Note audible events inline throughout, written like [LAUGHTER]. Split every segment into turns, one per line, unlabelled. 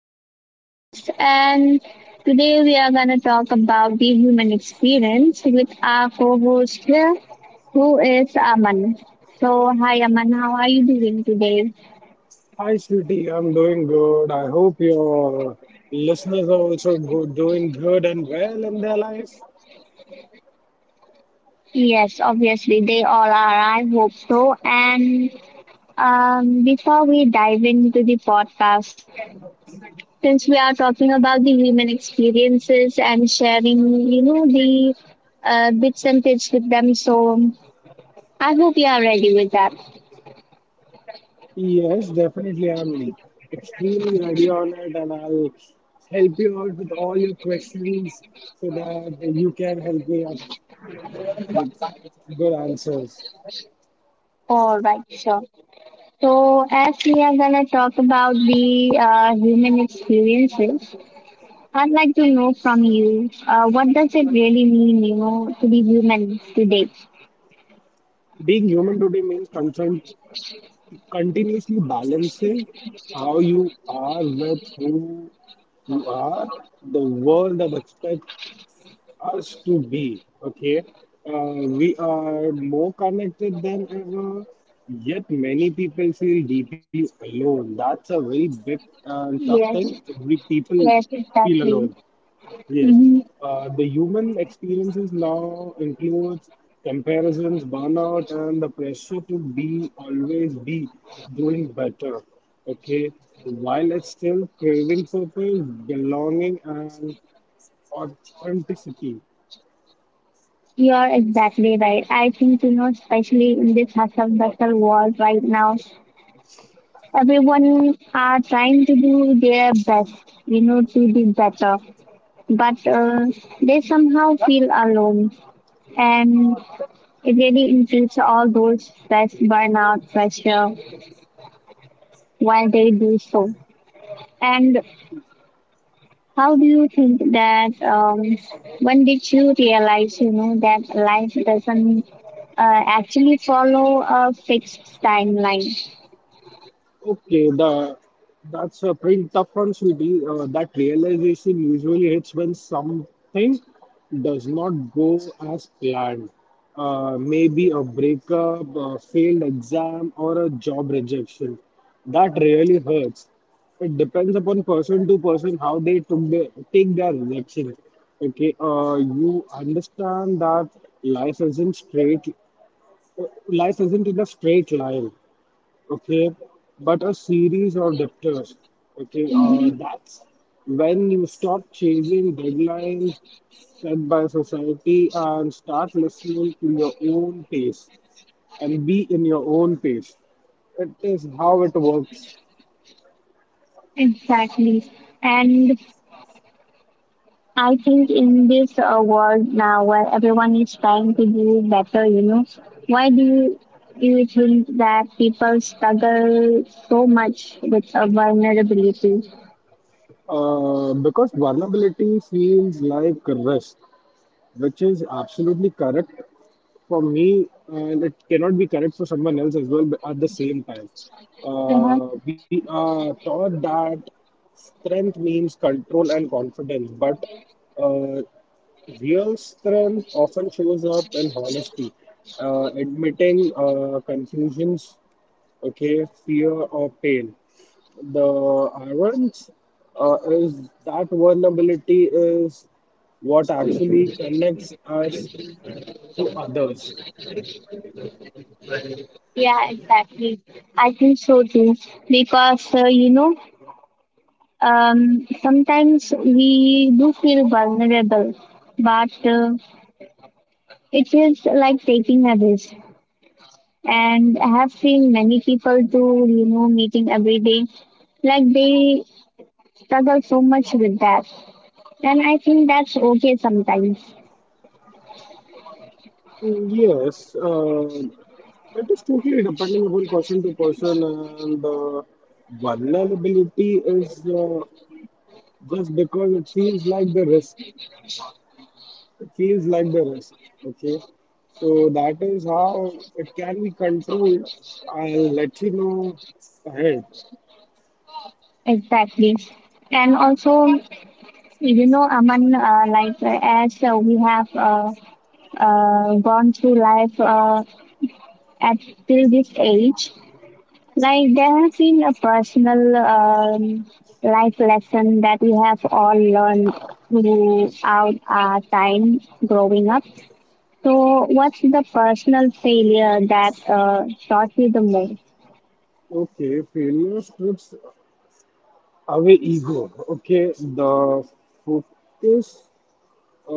to the podcast. And today we are going to talk about the human experience with our co host here, who is Aman. So, hi, Aman, how are you doing today?
Hi, sweetie. I'm doing good. I hope your listeners are also good, doing good and well in their life.
Yes, obviously, they all are. I hope so. And before we dive into the podcast, since we are talking about the human experiences and sharing, the bits and tips with them. So I hope you are ready with that.
Yes, definitely. I'm extremely ready on it, and I'll help you out with all your questions so that you can help me out with good answers.
All right, sure. So, as we are gonna talk about the human experiences, I'd like to know from you, what does it really mean, you know, to be human today?
Being human today means concern, continuously balancing how you are with who you are, the world that expects us to be. Okay, uh, we are more connected than ever, yet many people feel deeply alone. That's a very big and tough thing.
Yes,
Every people
yes,
feel
exactly.
alone. Yes,
hmm
the human experiences now includes comparisons, burnout, and the pressure to be always be doing better. Okay, while it's still craving purpose, belonging, and authenticity.
You are exactly right. I think you know, especially in this hustle bustle world right now, everyone are trying to do their best, you know, to be better but they somehow feel alone and it really includes all those stress burnout pressure while they do so and how do you think that when did you realize you know that life doesn't actually follow a fixed timeline.
Okay, the that's a pretty tough one, Sweetie. That realization usually hits when something does not go as planned. Maybe a breakup, a failed exam, or a job rejection. That really hurts. It depends upon person to person how they took take their rejection. Okay, you understand that life isn't straight, life isn't in a straight line, okay, but a series of debtors. Okay, that's when you stop chasing deadlines set by society and start listening to your own pace and be in your own pace. It is how it works.
Exactly. And I think in this world now where everyone is trying to do better, you know, why do you, do you think that people struggle so much with vulnerability?
Uh, because vulnerability feels like risk, which is absolutely correct for me and it cannot be correct for someone else as well, but at the same time.
Uh-huh.
We are taught that strength means control and confidence, but uh, real strength often shows up in honesty, admitting confusions, okay, fear or pain. The irony is that vulnerability is what actually connects us to others.
Yeah, exactly. I think so too. Because you know, sometimes we do feel vulnerable, but it feels like taking a risk. And I have seen many people do, you know, meeting every day like they struggle so much with that. And I think that's okay sometimes.
Yes, that is totally depending upon person to person, and vulnerability is just because it feels like the risk. It feels like the risk. Okay, so that is how it can be controlled. I'll let you know ahead.
Exactly. And also, you know, Aman, like as we have gone through life at till this age, like there has been a personal life lesson that we have all learned throughout our time growing up. So, what's the personal failure that taught you the most?
Okay, failure strips away ego. Okay, the focus.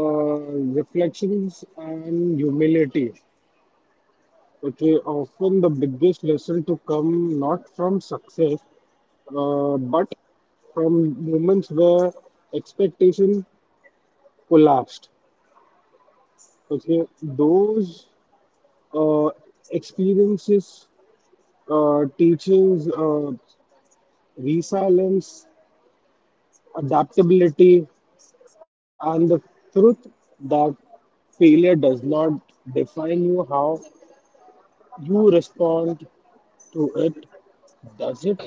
Uh, reflections and humility. Okay, often the biggest lesson to come not from success, but from moments where expectation collapsed. Okay, those uh, experiences teaches resilience, adaptability, and the truth that failure does not define you how you respond to it. Does it?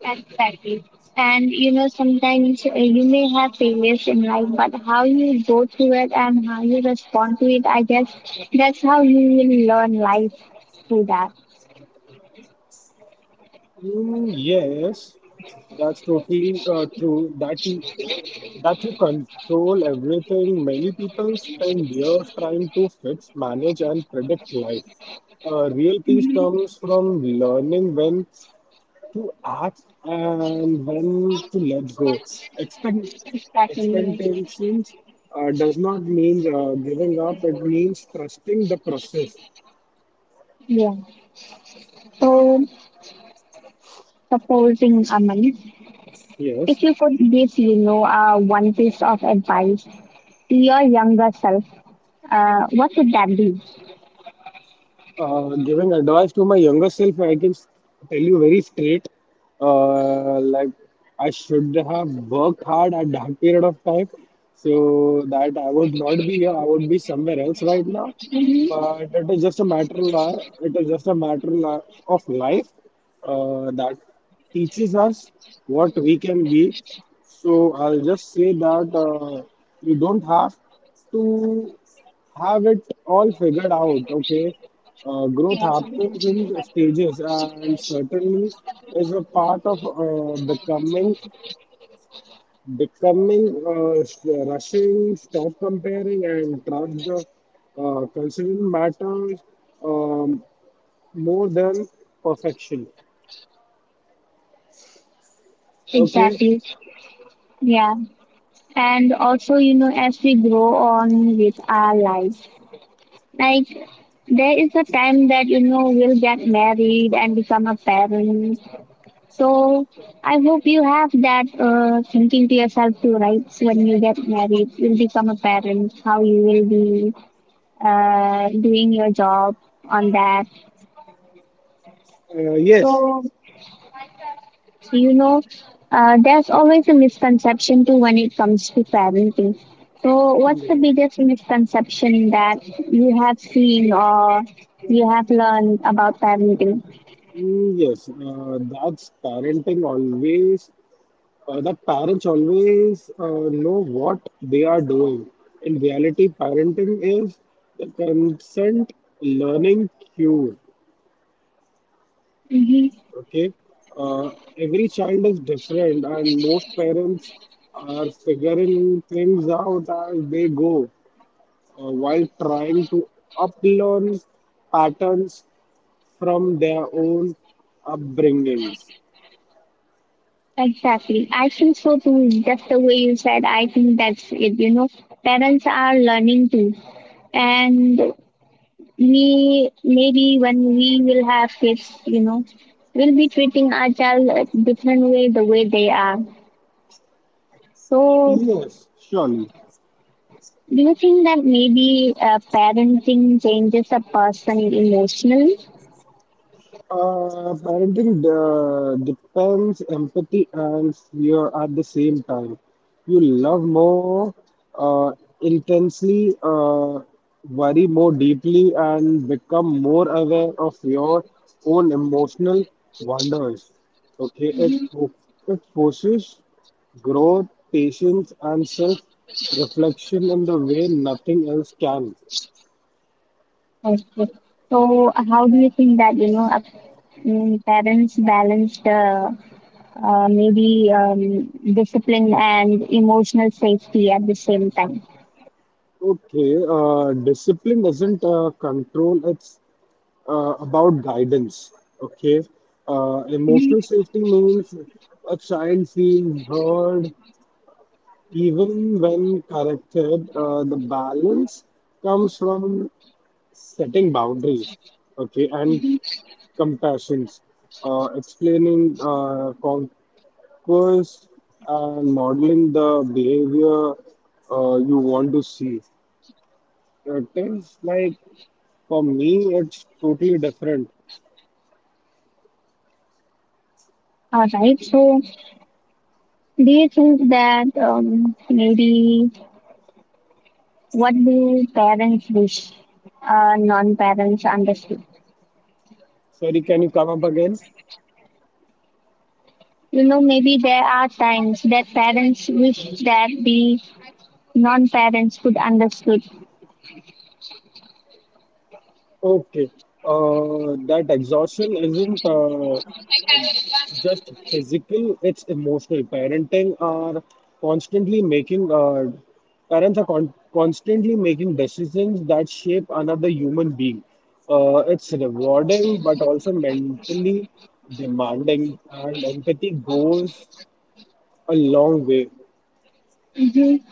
Exactly. And you know, sometimes you may have failures in life, but how you go through it and how you respond to it, I guess that's how you will learn life through that.
Mm, yes, that's totally true. That you control everything. Many people spend years trying to fix, manage, and predict life. Real peace comes from learning when to act and when to let go. Expect
Exactly. Yes.
Expectations does not mean giving up. It means trusting the process.
Yeah. So, supposing, Aman,
Yes.
if you could give, you know, one piece of advice to your younger self, what would that be?
Giving advice to my younger self, tell you very straight. Like I should have worked hard at that period of time, so that I would not be here. I would be somewhere else right now.
hmm
But it is just a matter. Li- It is just a matter of life that teaches us what we can be. So I'll just say that you don't have to have it all figured out. Okay, growth happens in stages, and certainly is a part of becoming, rushing, stop comparing, and trust the considering matters um, more than perfection. Okay,
Exactly. Yeah. And also, you know, as we grow on with our lives, like there is a time that you know will get married and become a parent. So I hope you have that thinking to yourself too, right? So when you get married, you'll become a parent. How you will be doing your job on that.
yes.
So you know, there's always a misconception too when it comes to parenting. So what's the
Mm,
biggest misconception that you have seen or you have learned about parenting?
yes, that's parenting always. Uh, that parents always know what they are doing. In reality, parenting is the consent learning cue.
Mm-hmm.
Okay, uh, every child is different, and most parents are figuring things out as they go while trying to uplearn patterns from their own upbringings.
Exactly. I think so too. Just the way you said, I think that's it. You know, parents are learning too. And we, maybe when we will have kids, you know, we'll be treating our child a different way the way they are. So,
Yes, surely.
do you think that maybe parenting changes a person emotionally?
Parenting depends empathy and fear at the same time. You love more uh, intensely, worry more deeply, and become more aware of your own emotional wonders. Okay, it forces growth, patience, and self-reflection in the way nothing else can.
Okay. So, how do you think that, you know, parents balance the maybe discipline and emotional safety at the same time?
Okay, discipline is not control, it's about guidance. Okay, emotional safety means a child feels heard even when corrected. The balance comes from setting boundaries, okay, and compassion, explaining conquest and modeling the behavior you want to see. It is like for me, it's totally different.
All right. So, do you think that maybe what do parents wish non-parents understood?
Sorry, can you come up again?
You know, maybe there are times that parents wish that the non-parents could understood.
Okay, that exhaustion isn't just physical, it's emotional. Parenting are constantly making, Parents are constantly making decisions that shape another human being. It's rewarding, but also mentally demanding, and empathy goes a long way.
Mm-hmm.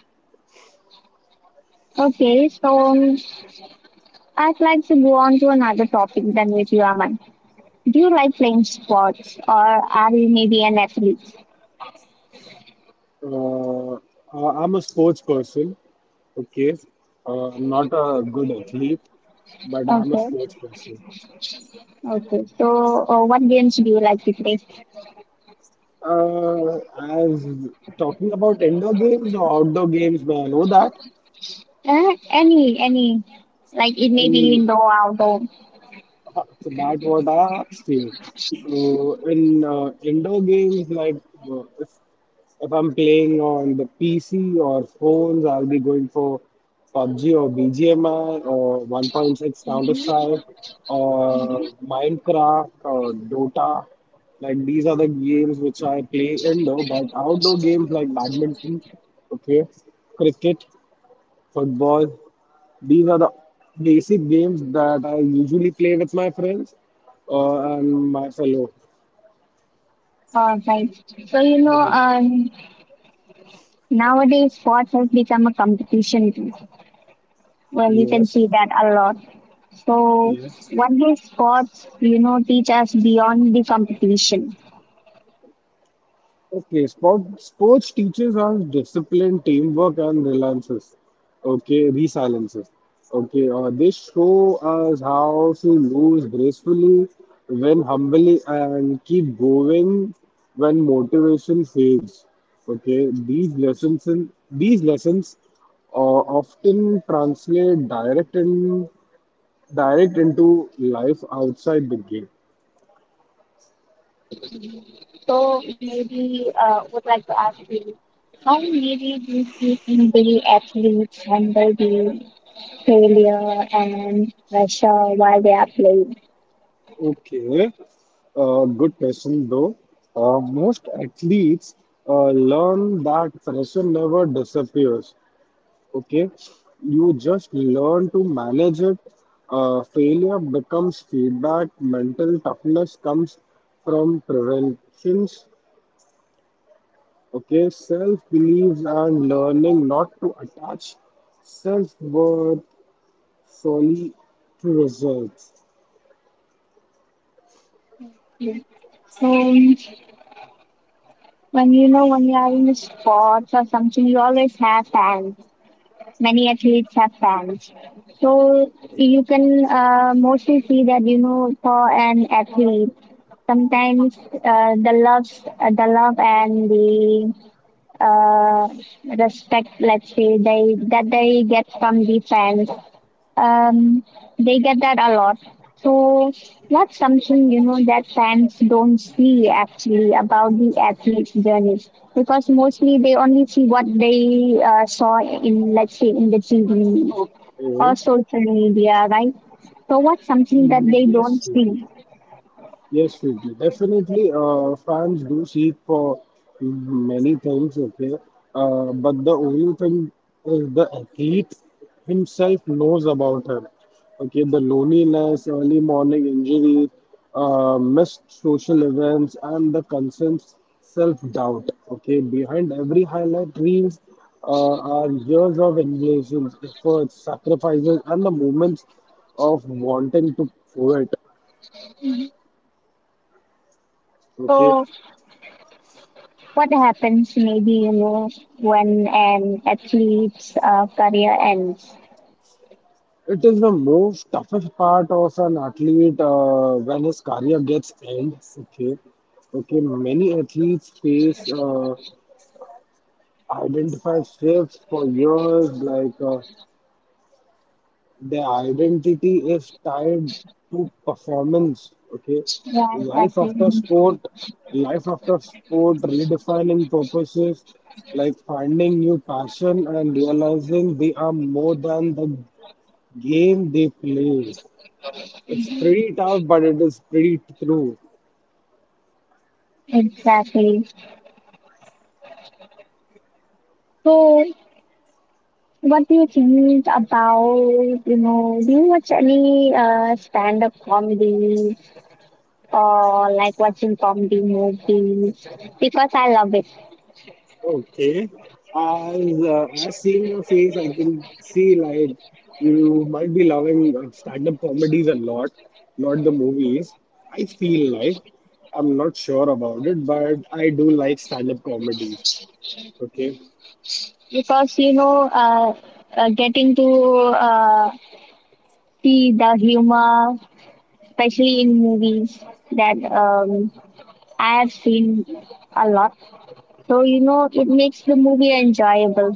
Okay, so I'd like to go on to another topic than with you, Aman. Do you like playing sports or are you maybe an athlete?
Uh, I'm a sports person. Okay, I'm not a good athlete, but I'm a
Okay,
sports person.
okay. So, what games do you like to play?
As talking about indoor games or outdoor games, may I know that?
Any, any. Like it may be
Any.
indoor, outdoor.
So that what I asked you. So in indoor games, like uh, if if I'm playing on the PC or phones, I'll be going for PUBG or BGMI or 1.6 Counter Strike or Minecraft or Dota. Like these are the games which I play indoor, but outdoor games like badminton, okay, cricket, football. These are the basic games that I usually play with my friends and my fellow.
All right. So you know, nowadays sports has become a competition too. Well, you can
Yes,
see that a lot. So,
yes.
what do sports, you know, teach us beyond the competition?
Okay, sports teaches us discipline, teamwork, and relances. Okay, resiliences. Okay, they show us how to lose gracefully, win humbly, and keep going when motivation fades. Okay, these lessons often translate direct into life outside the game.
So maybe would like to ask you, how maybe do you think the athletes handle the failure and pressure while they are playing?
Okay, good question though. Most athletes learn that pressure never disappears. Okay, you just learn to manage it. Failure becomes feedback, mental toughness comes from preventions. Okay, self beliefs and learning not to attach self worth solely to results.
So when you know when you are in the sports or something, you always have fans. Many athletes have fans. So you can mostly see that you know for an athlete, sometimes the love and the uh, respect, let's say, they get from the fans. Um, they get that a lot. So that's something you know that fans don't see actually about the athletes' journeys because mostly they only see what they saw in let's say in the TV or
Okay,
social media, right? So what's something that they
yes,
don't
Sweetie.
see?
Yes, we do. Definitely, fans do seek for many things, okay. But the only thing is the athlete himself knows about her. Okay, the loneliness, early morning injuries, missed social events, and the constant self-doubt. Okay, behind every highlight reels are years of engagements, efforts, sacrifices, and the moments of wanting to quit. Okay,
So what happens maybe you know when an athlete's career ends?
it is the most toughest part of an athlete when his career gets end. Okay, okay. Many athletes face identify shifts for years. Like their identity is tied to performance. Okay,
Yeah,
life
exactly.
after sport, life after sport, redefining purposes, like finding new passion and realizing they are more than the game they play. It's pretty tough, but it is pretty true.
Exactly. So, what do you think about, you know, do you watch any stand-up comedy or like watching comedy movies? Because I love it.
Okay. As seeing your face, I can see like you might be loving stand-up comedies a lot, not the movies. I feel like I'm not sure about it, but I do like stand-up comedies. Okay.
Because, you know, getting to see the humor, especially in movies that I have seen a lot. So, you know, it makes the movie enjoyable.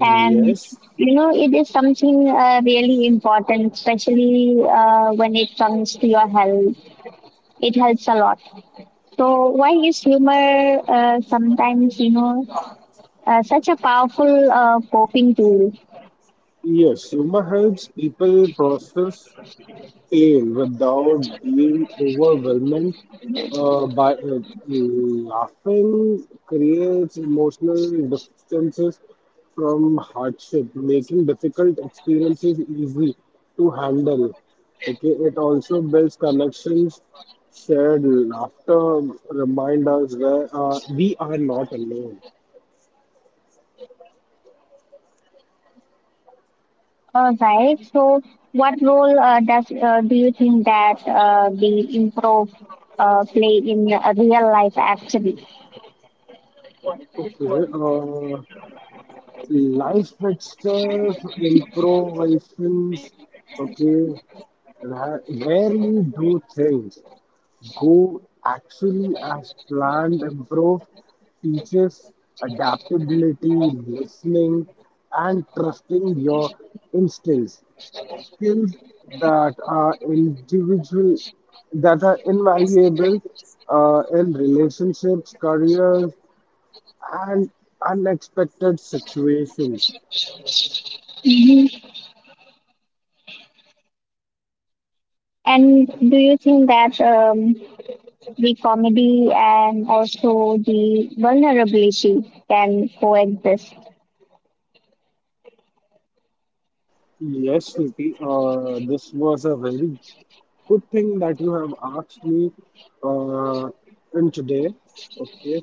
And you know, it is something really important, especially when it comes to your health. It helps a lot. So, why is humor sometimes, you know, such a powerful coping tool?
Yes. Humor helps people process A without being overwhelmed by it. Laughing creates emotional distances from hardship, making difficult experiences easy to handle. Okay, it also builds connections. Shared laughter remind us where we are not alone.
All right. So, what role does do you think that the improv play in real life actually?
Okay, life itself, improvisations. Okay, rarely do things go actually as planned. Improv teaches adaptability, listening, and trusting your instincts. Skills that are individual, that are invaluable in relationships, careers, and unexpected situations.
Mhm. And do you think that the comedy and also the vulnerability can coexist?
Yes, Shruti, this was a very good thing that you have asked me uh, in today. Okay.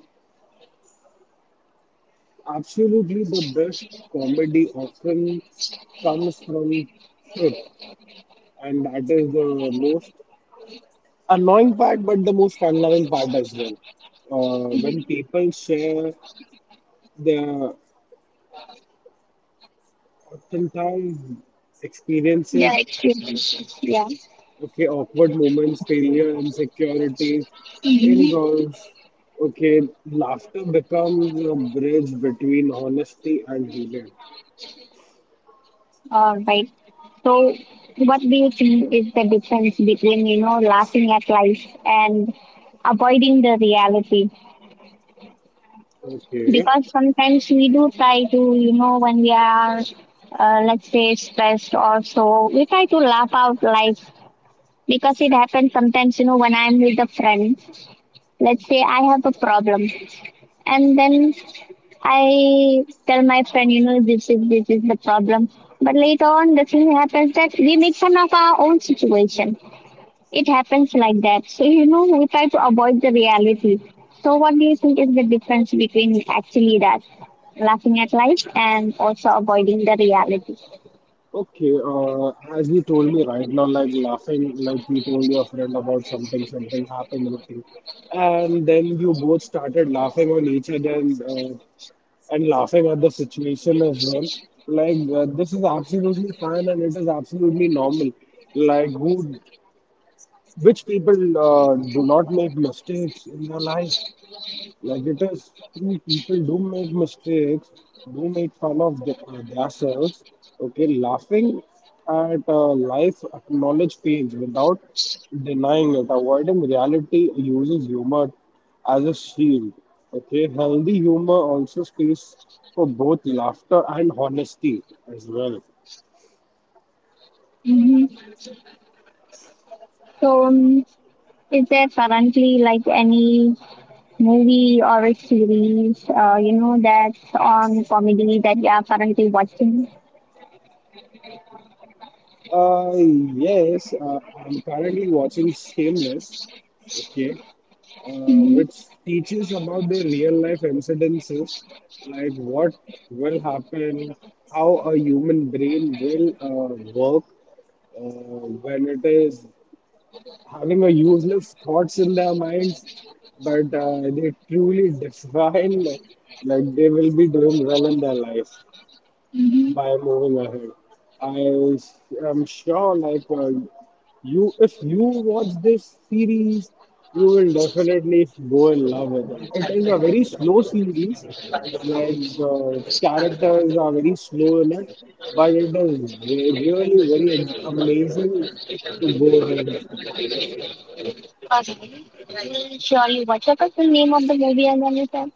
Absolutely the best comedy often comes from truth. And that is the most annoying part, but the most fun loving part as well. When people share their authentic
Yeah,
experiences.
it's true, yeah.
Okay, awkward moments, failure, insecurity, involves. Okay, laughter becomes a bridge between honesty and healing.
All right. So, what do you think is the difference between you know laughing at life and avoiding the reality?
Okay.
Because sometimes we do try to you know when we are let's say stressed or so, we try to laugh out life because it happens sometimes you know when I'm with a friend. Let's say I have a problem and then I tell my friend, you know, this is the problem. But later on, the thing happens that we make fun of our own situation. It happens like that. So you know, we try to avoid the reality. So what do you think is the difference between actually that laughing at life and also avoiding the reality?
Okay, as you told me right now, like laughing, like you told your friend about something, something happened with you, and then you both started laughing on each other and laughing at the situation as well. Like, this is absolutely fine and it is absolutely normal. Like, who which people do not make mistakes in their life. Like it is true, people do make mistakes, do make fun of themselves. Okay, laughing at life, acknowledge pains without denying it, avoiding reality uses humor as a shield. Okay, healthy humor also space for both laughter and honesty as well.
hmm So is there currently like any movie or a series, you know, that's on comedy that you are currently watching?
Yes, I'm currently watching Shameless, okay, uh,
hmm
which teaches about the real life incidences, like what will happen, how a human brain will work when it is having a useless thoughts in their minds, but they truly [LAUGHS] define like they will be doing well in their life by moving ahead. I am sure, like if you watch this series, you will definitely go in love with it. It is a very slow series, like the characters are very slow in it, but it is really amazing to go ahead with it.
Okay. Mm, surely. What was the full name of the movie again you said?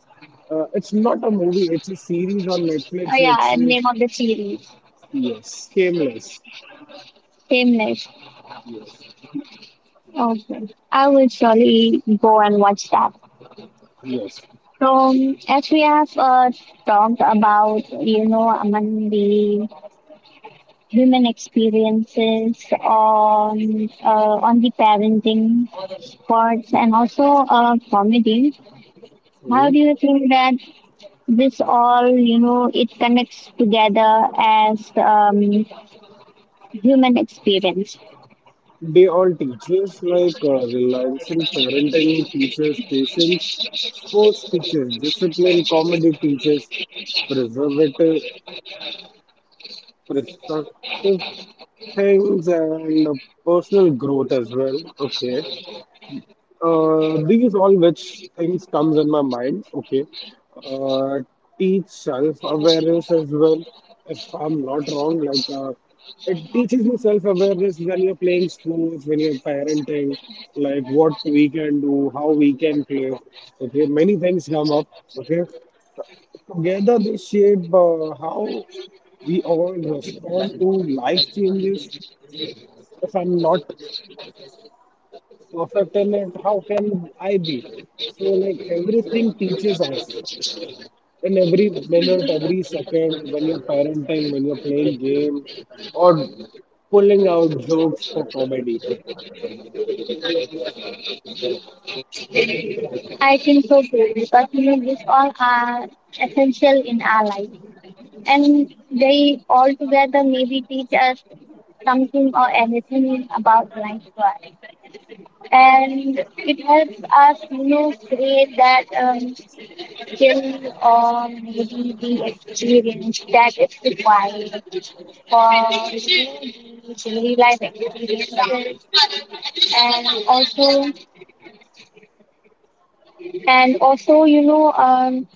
It's not a movie; it's a series on
Oh
Netflix,
yeah,
which
and
is
name of the series.
yes, Shameless.
Same list.
Yes,
Okay. I will surely go and watch that.
yes.
So as we have talked about, you know, among the human experiences on the parenting sports, and also comedy, how
Mhm.
do you think that this all, you know, it connects together as human experience.
They all teachers like reliance in parenting, teachers patience, sports teachers discipline, comedy teachers preservative, productive things, and personal growth as well. Okay. These all which things comes in my mind. Okay, uh, teach self awareness as well. If I'm not wrong, like it teaches you self awareness when you're playing sports, when you're parenting, like what we can do, how we can play. Okay, many things come up. Okay, together they shape how we all respond to life changes. If I'm not perfect talent, how can I be? So like everything teaches us in every minute, every second, when you're parenting, when you're playing games, or pulling out jokes for comedy.
I think so too because you know these all are essential in our life, and they all together maybe teach us something or anything about life to us. And it helps us, you know, create that skill or maybe the experience that is required for you know, the daily life experiences and also and also, you know,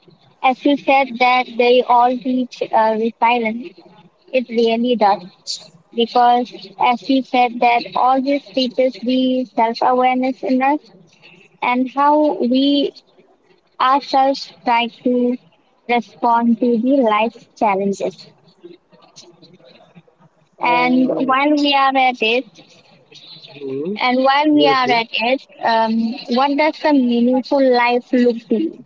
as you said that they all teach resilience, it really does. Because as you said that all this teaches the self-awareness in us and how we ourselves try to respond to the life challenges. And
Uh,
while we are at it,
hmm,
and while we
yes,
are
yes.
at it, what does a meaningful life look to you?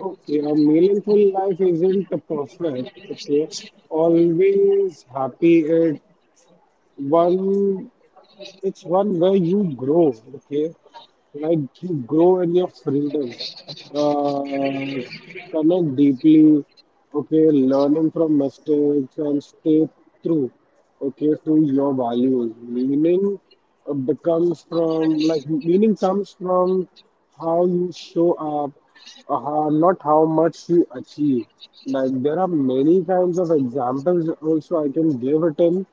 Okay, a meaningful life isn't perfect. Okay, always happy at one it's one where you grow, okay? Like you grow in your freedom, uh, connect deeply, okay? Learning from mistakes and stay true, okay, to your values. Meaning comes from how you show up, how, not how much you achieve. Like there are many kinds of examples also I can give it in.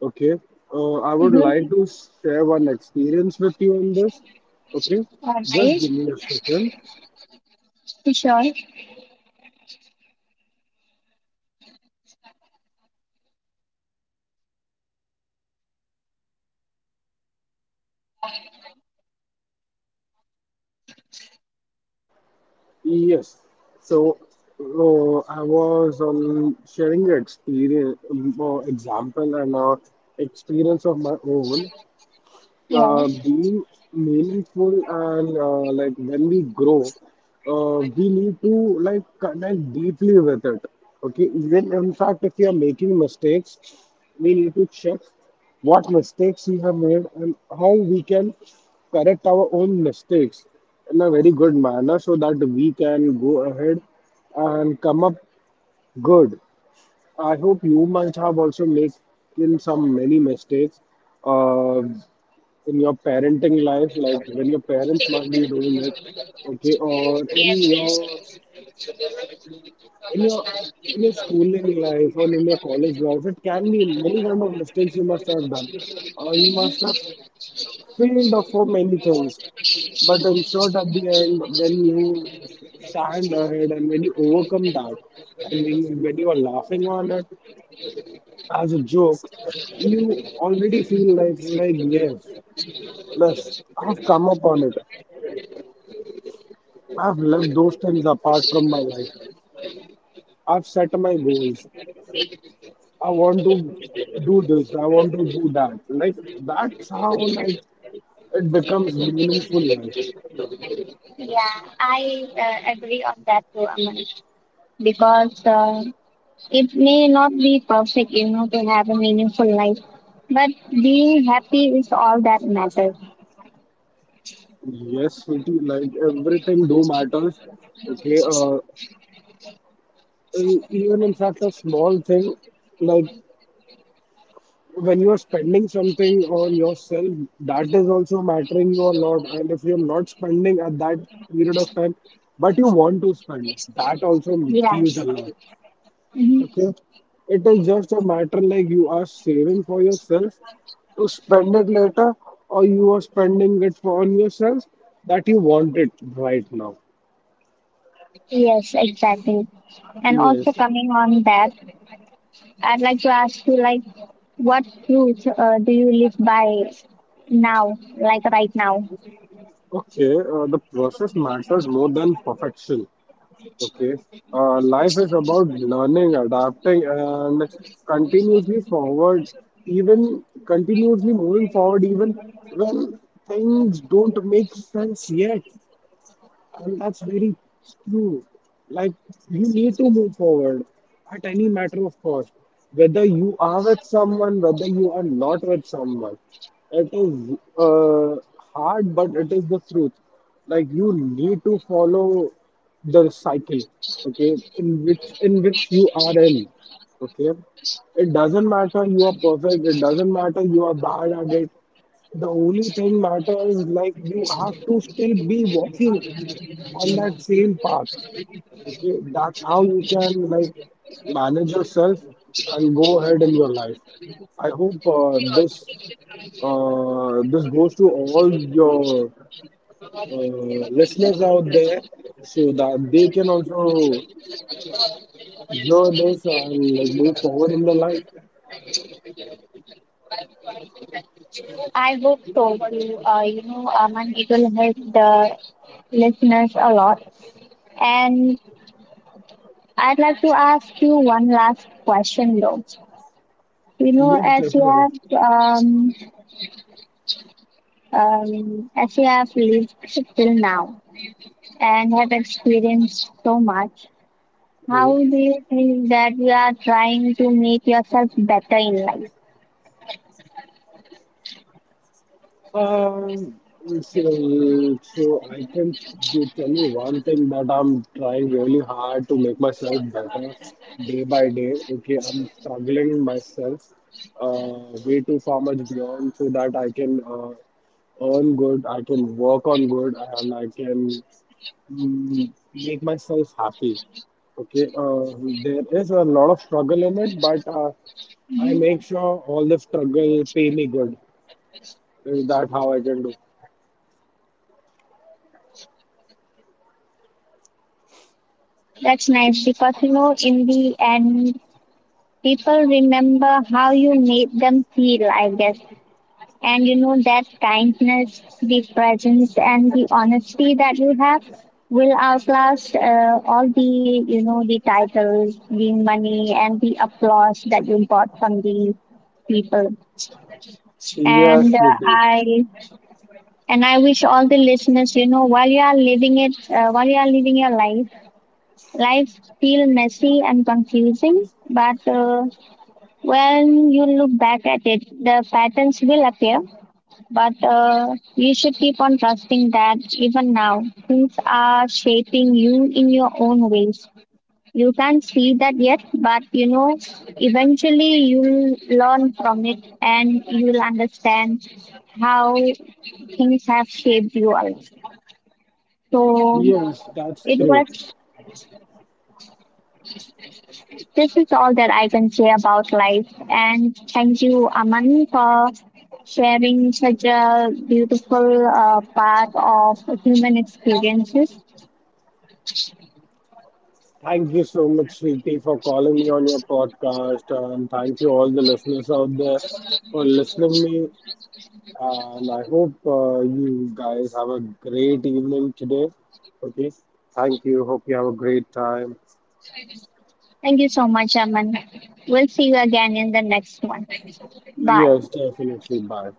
Okay, I would like
Mm-hmm.
to share one experience with you on this. Okay,
All
just
right.
give me a second.
Sure.
Yes, so I was sharing the example, and experience of my own.
Yeah.
Being meaningful and like when we grow, we need to like connect deeply with it. Okay, even in fact, if you are making mistakes, we need to check what mistakes we have made and how we can correct our own mistakes in a very good manner so that we can go ahead and come up good. I hope you might have also made in some many mistakes. Uh, in your parenting life, like when your parents might be doing it, okay, or in your in your schooling life or in your college life, it can be many kind of mistakes you must have done. You must have failed for many things, but in short, at the end, when you stand ahead and when you overcome that, and when you are laughing on it as a joke, you already feel like yes, yes, I've come upon it. I've left those things apart from my life. I've set my goals. I want to do this. I want to do that. Like that's how like it becomes meaningful life.
Yeah, I agree on that too, Aman. Because it may not be perfect, you know, to have a meaningful life, but being happy is all that matters.
Yes, sweetie, like everything do matters. Okay, and even in fact a small thing, like when you're spending something on yourself, that is also mattering you a lot. And if you're not spending at that period of time, but you want to spend, that also
Yeah.
feels a lot.
hmm
Okay, it is just a matter like you are saving for yourself to spend it later, or you are spending it for on yourself that you want it right now.
Yes, exactly. And also
Yes.
coming on that, I'd like to ask you, like, what truth do you live by now, like right now?
Okay, the process matters more than perfection. Okay, life is about learning, adapting, and continuously forward, even continuously moving forward, even when things don't make sense yet. And that's very true. Like, you need to move forward at any matter of cost. Whether you are with someone, whether you are not with someone. It is hard, but it is the truth. Like, you need to follow the cycle, okay, in which you are in, okay. It doesn't matter you are perfect. It doesn't matter you are bad at it. The only thing matters like you have to still be walking on that same path. Okay, that's how you can like manage yourself and go ahead in your life. I hope this goes to all your uh, listeners out there so that they can also hear this and like move forward in their life.
I hope so too. You know, Aman, it will help the listeners a lot. And I'd like to ask you one last question though. You know,
Yes, definitely.
as you have lived till now and have experienced so much, how do you think that you are trying to make yourself better in life?
Um, so I can give, tell you one thing that I'm trying really hard to make myself better day by day. Okay, I'm struggling myself way too far much beyond so that I can earn good, I can work on good, and I can make myself happy. Okay, there is a lot of struggle in it, but I
Mhm.
make sure all the struggle pay me good. Is that how I can do?
That's nice because you know, in the end, people remember how you made them feel. I guess. And you know that kindness, the presence, and the honesty that you have will outlast all the you know the titles, the money, and the applause that you got from the people. And
Yes,
uh,
Nidhi.
I and I wish all the listeners, you know, while you are living it, while you are living your life, life feel messy and confusing, but when you look back at it, the patterns will appear. But you should keep on trusting that even now, things are shaping you in your own ways. You can't see that yet, but you know, eventually you'll learn from it and you'll understand how things have shaped you all. So
Yes, that's
it
true.
was, this is all that I can say about life. And thank you, Aman, for sharing such a beautiful part of human experiences.
Thank you so much, Sriti, for calling me on your podcast, and thank you all the listeners out there for listening me. And I hope you guys have a great evening today. Okay, thank you. Hope you have a great time.
Thank you so much, Aman. We'll see you again in the next one. Bye.
Yes, definitely. Bye.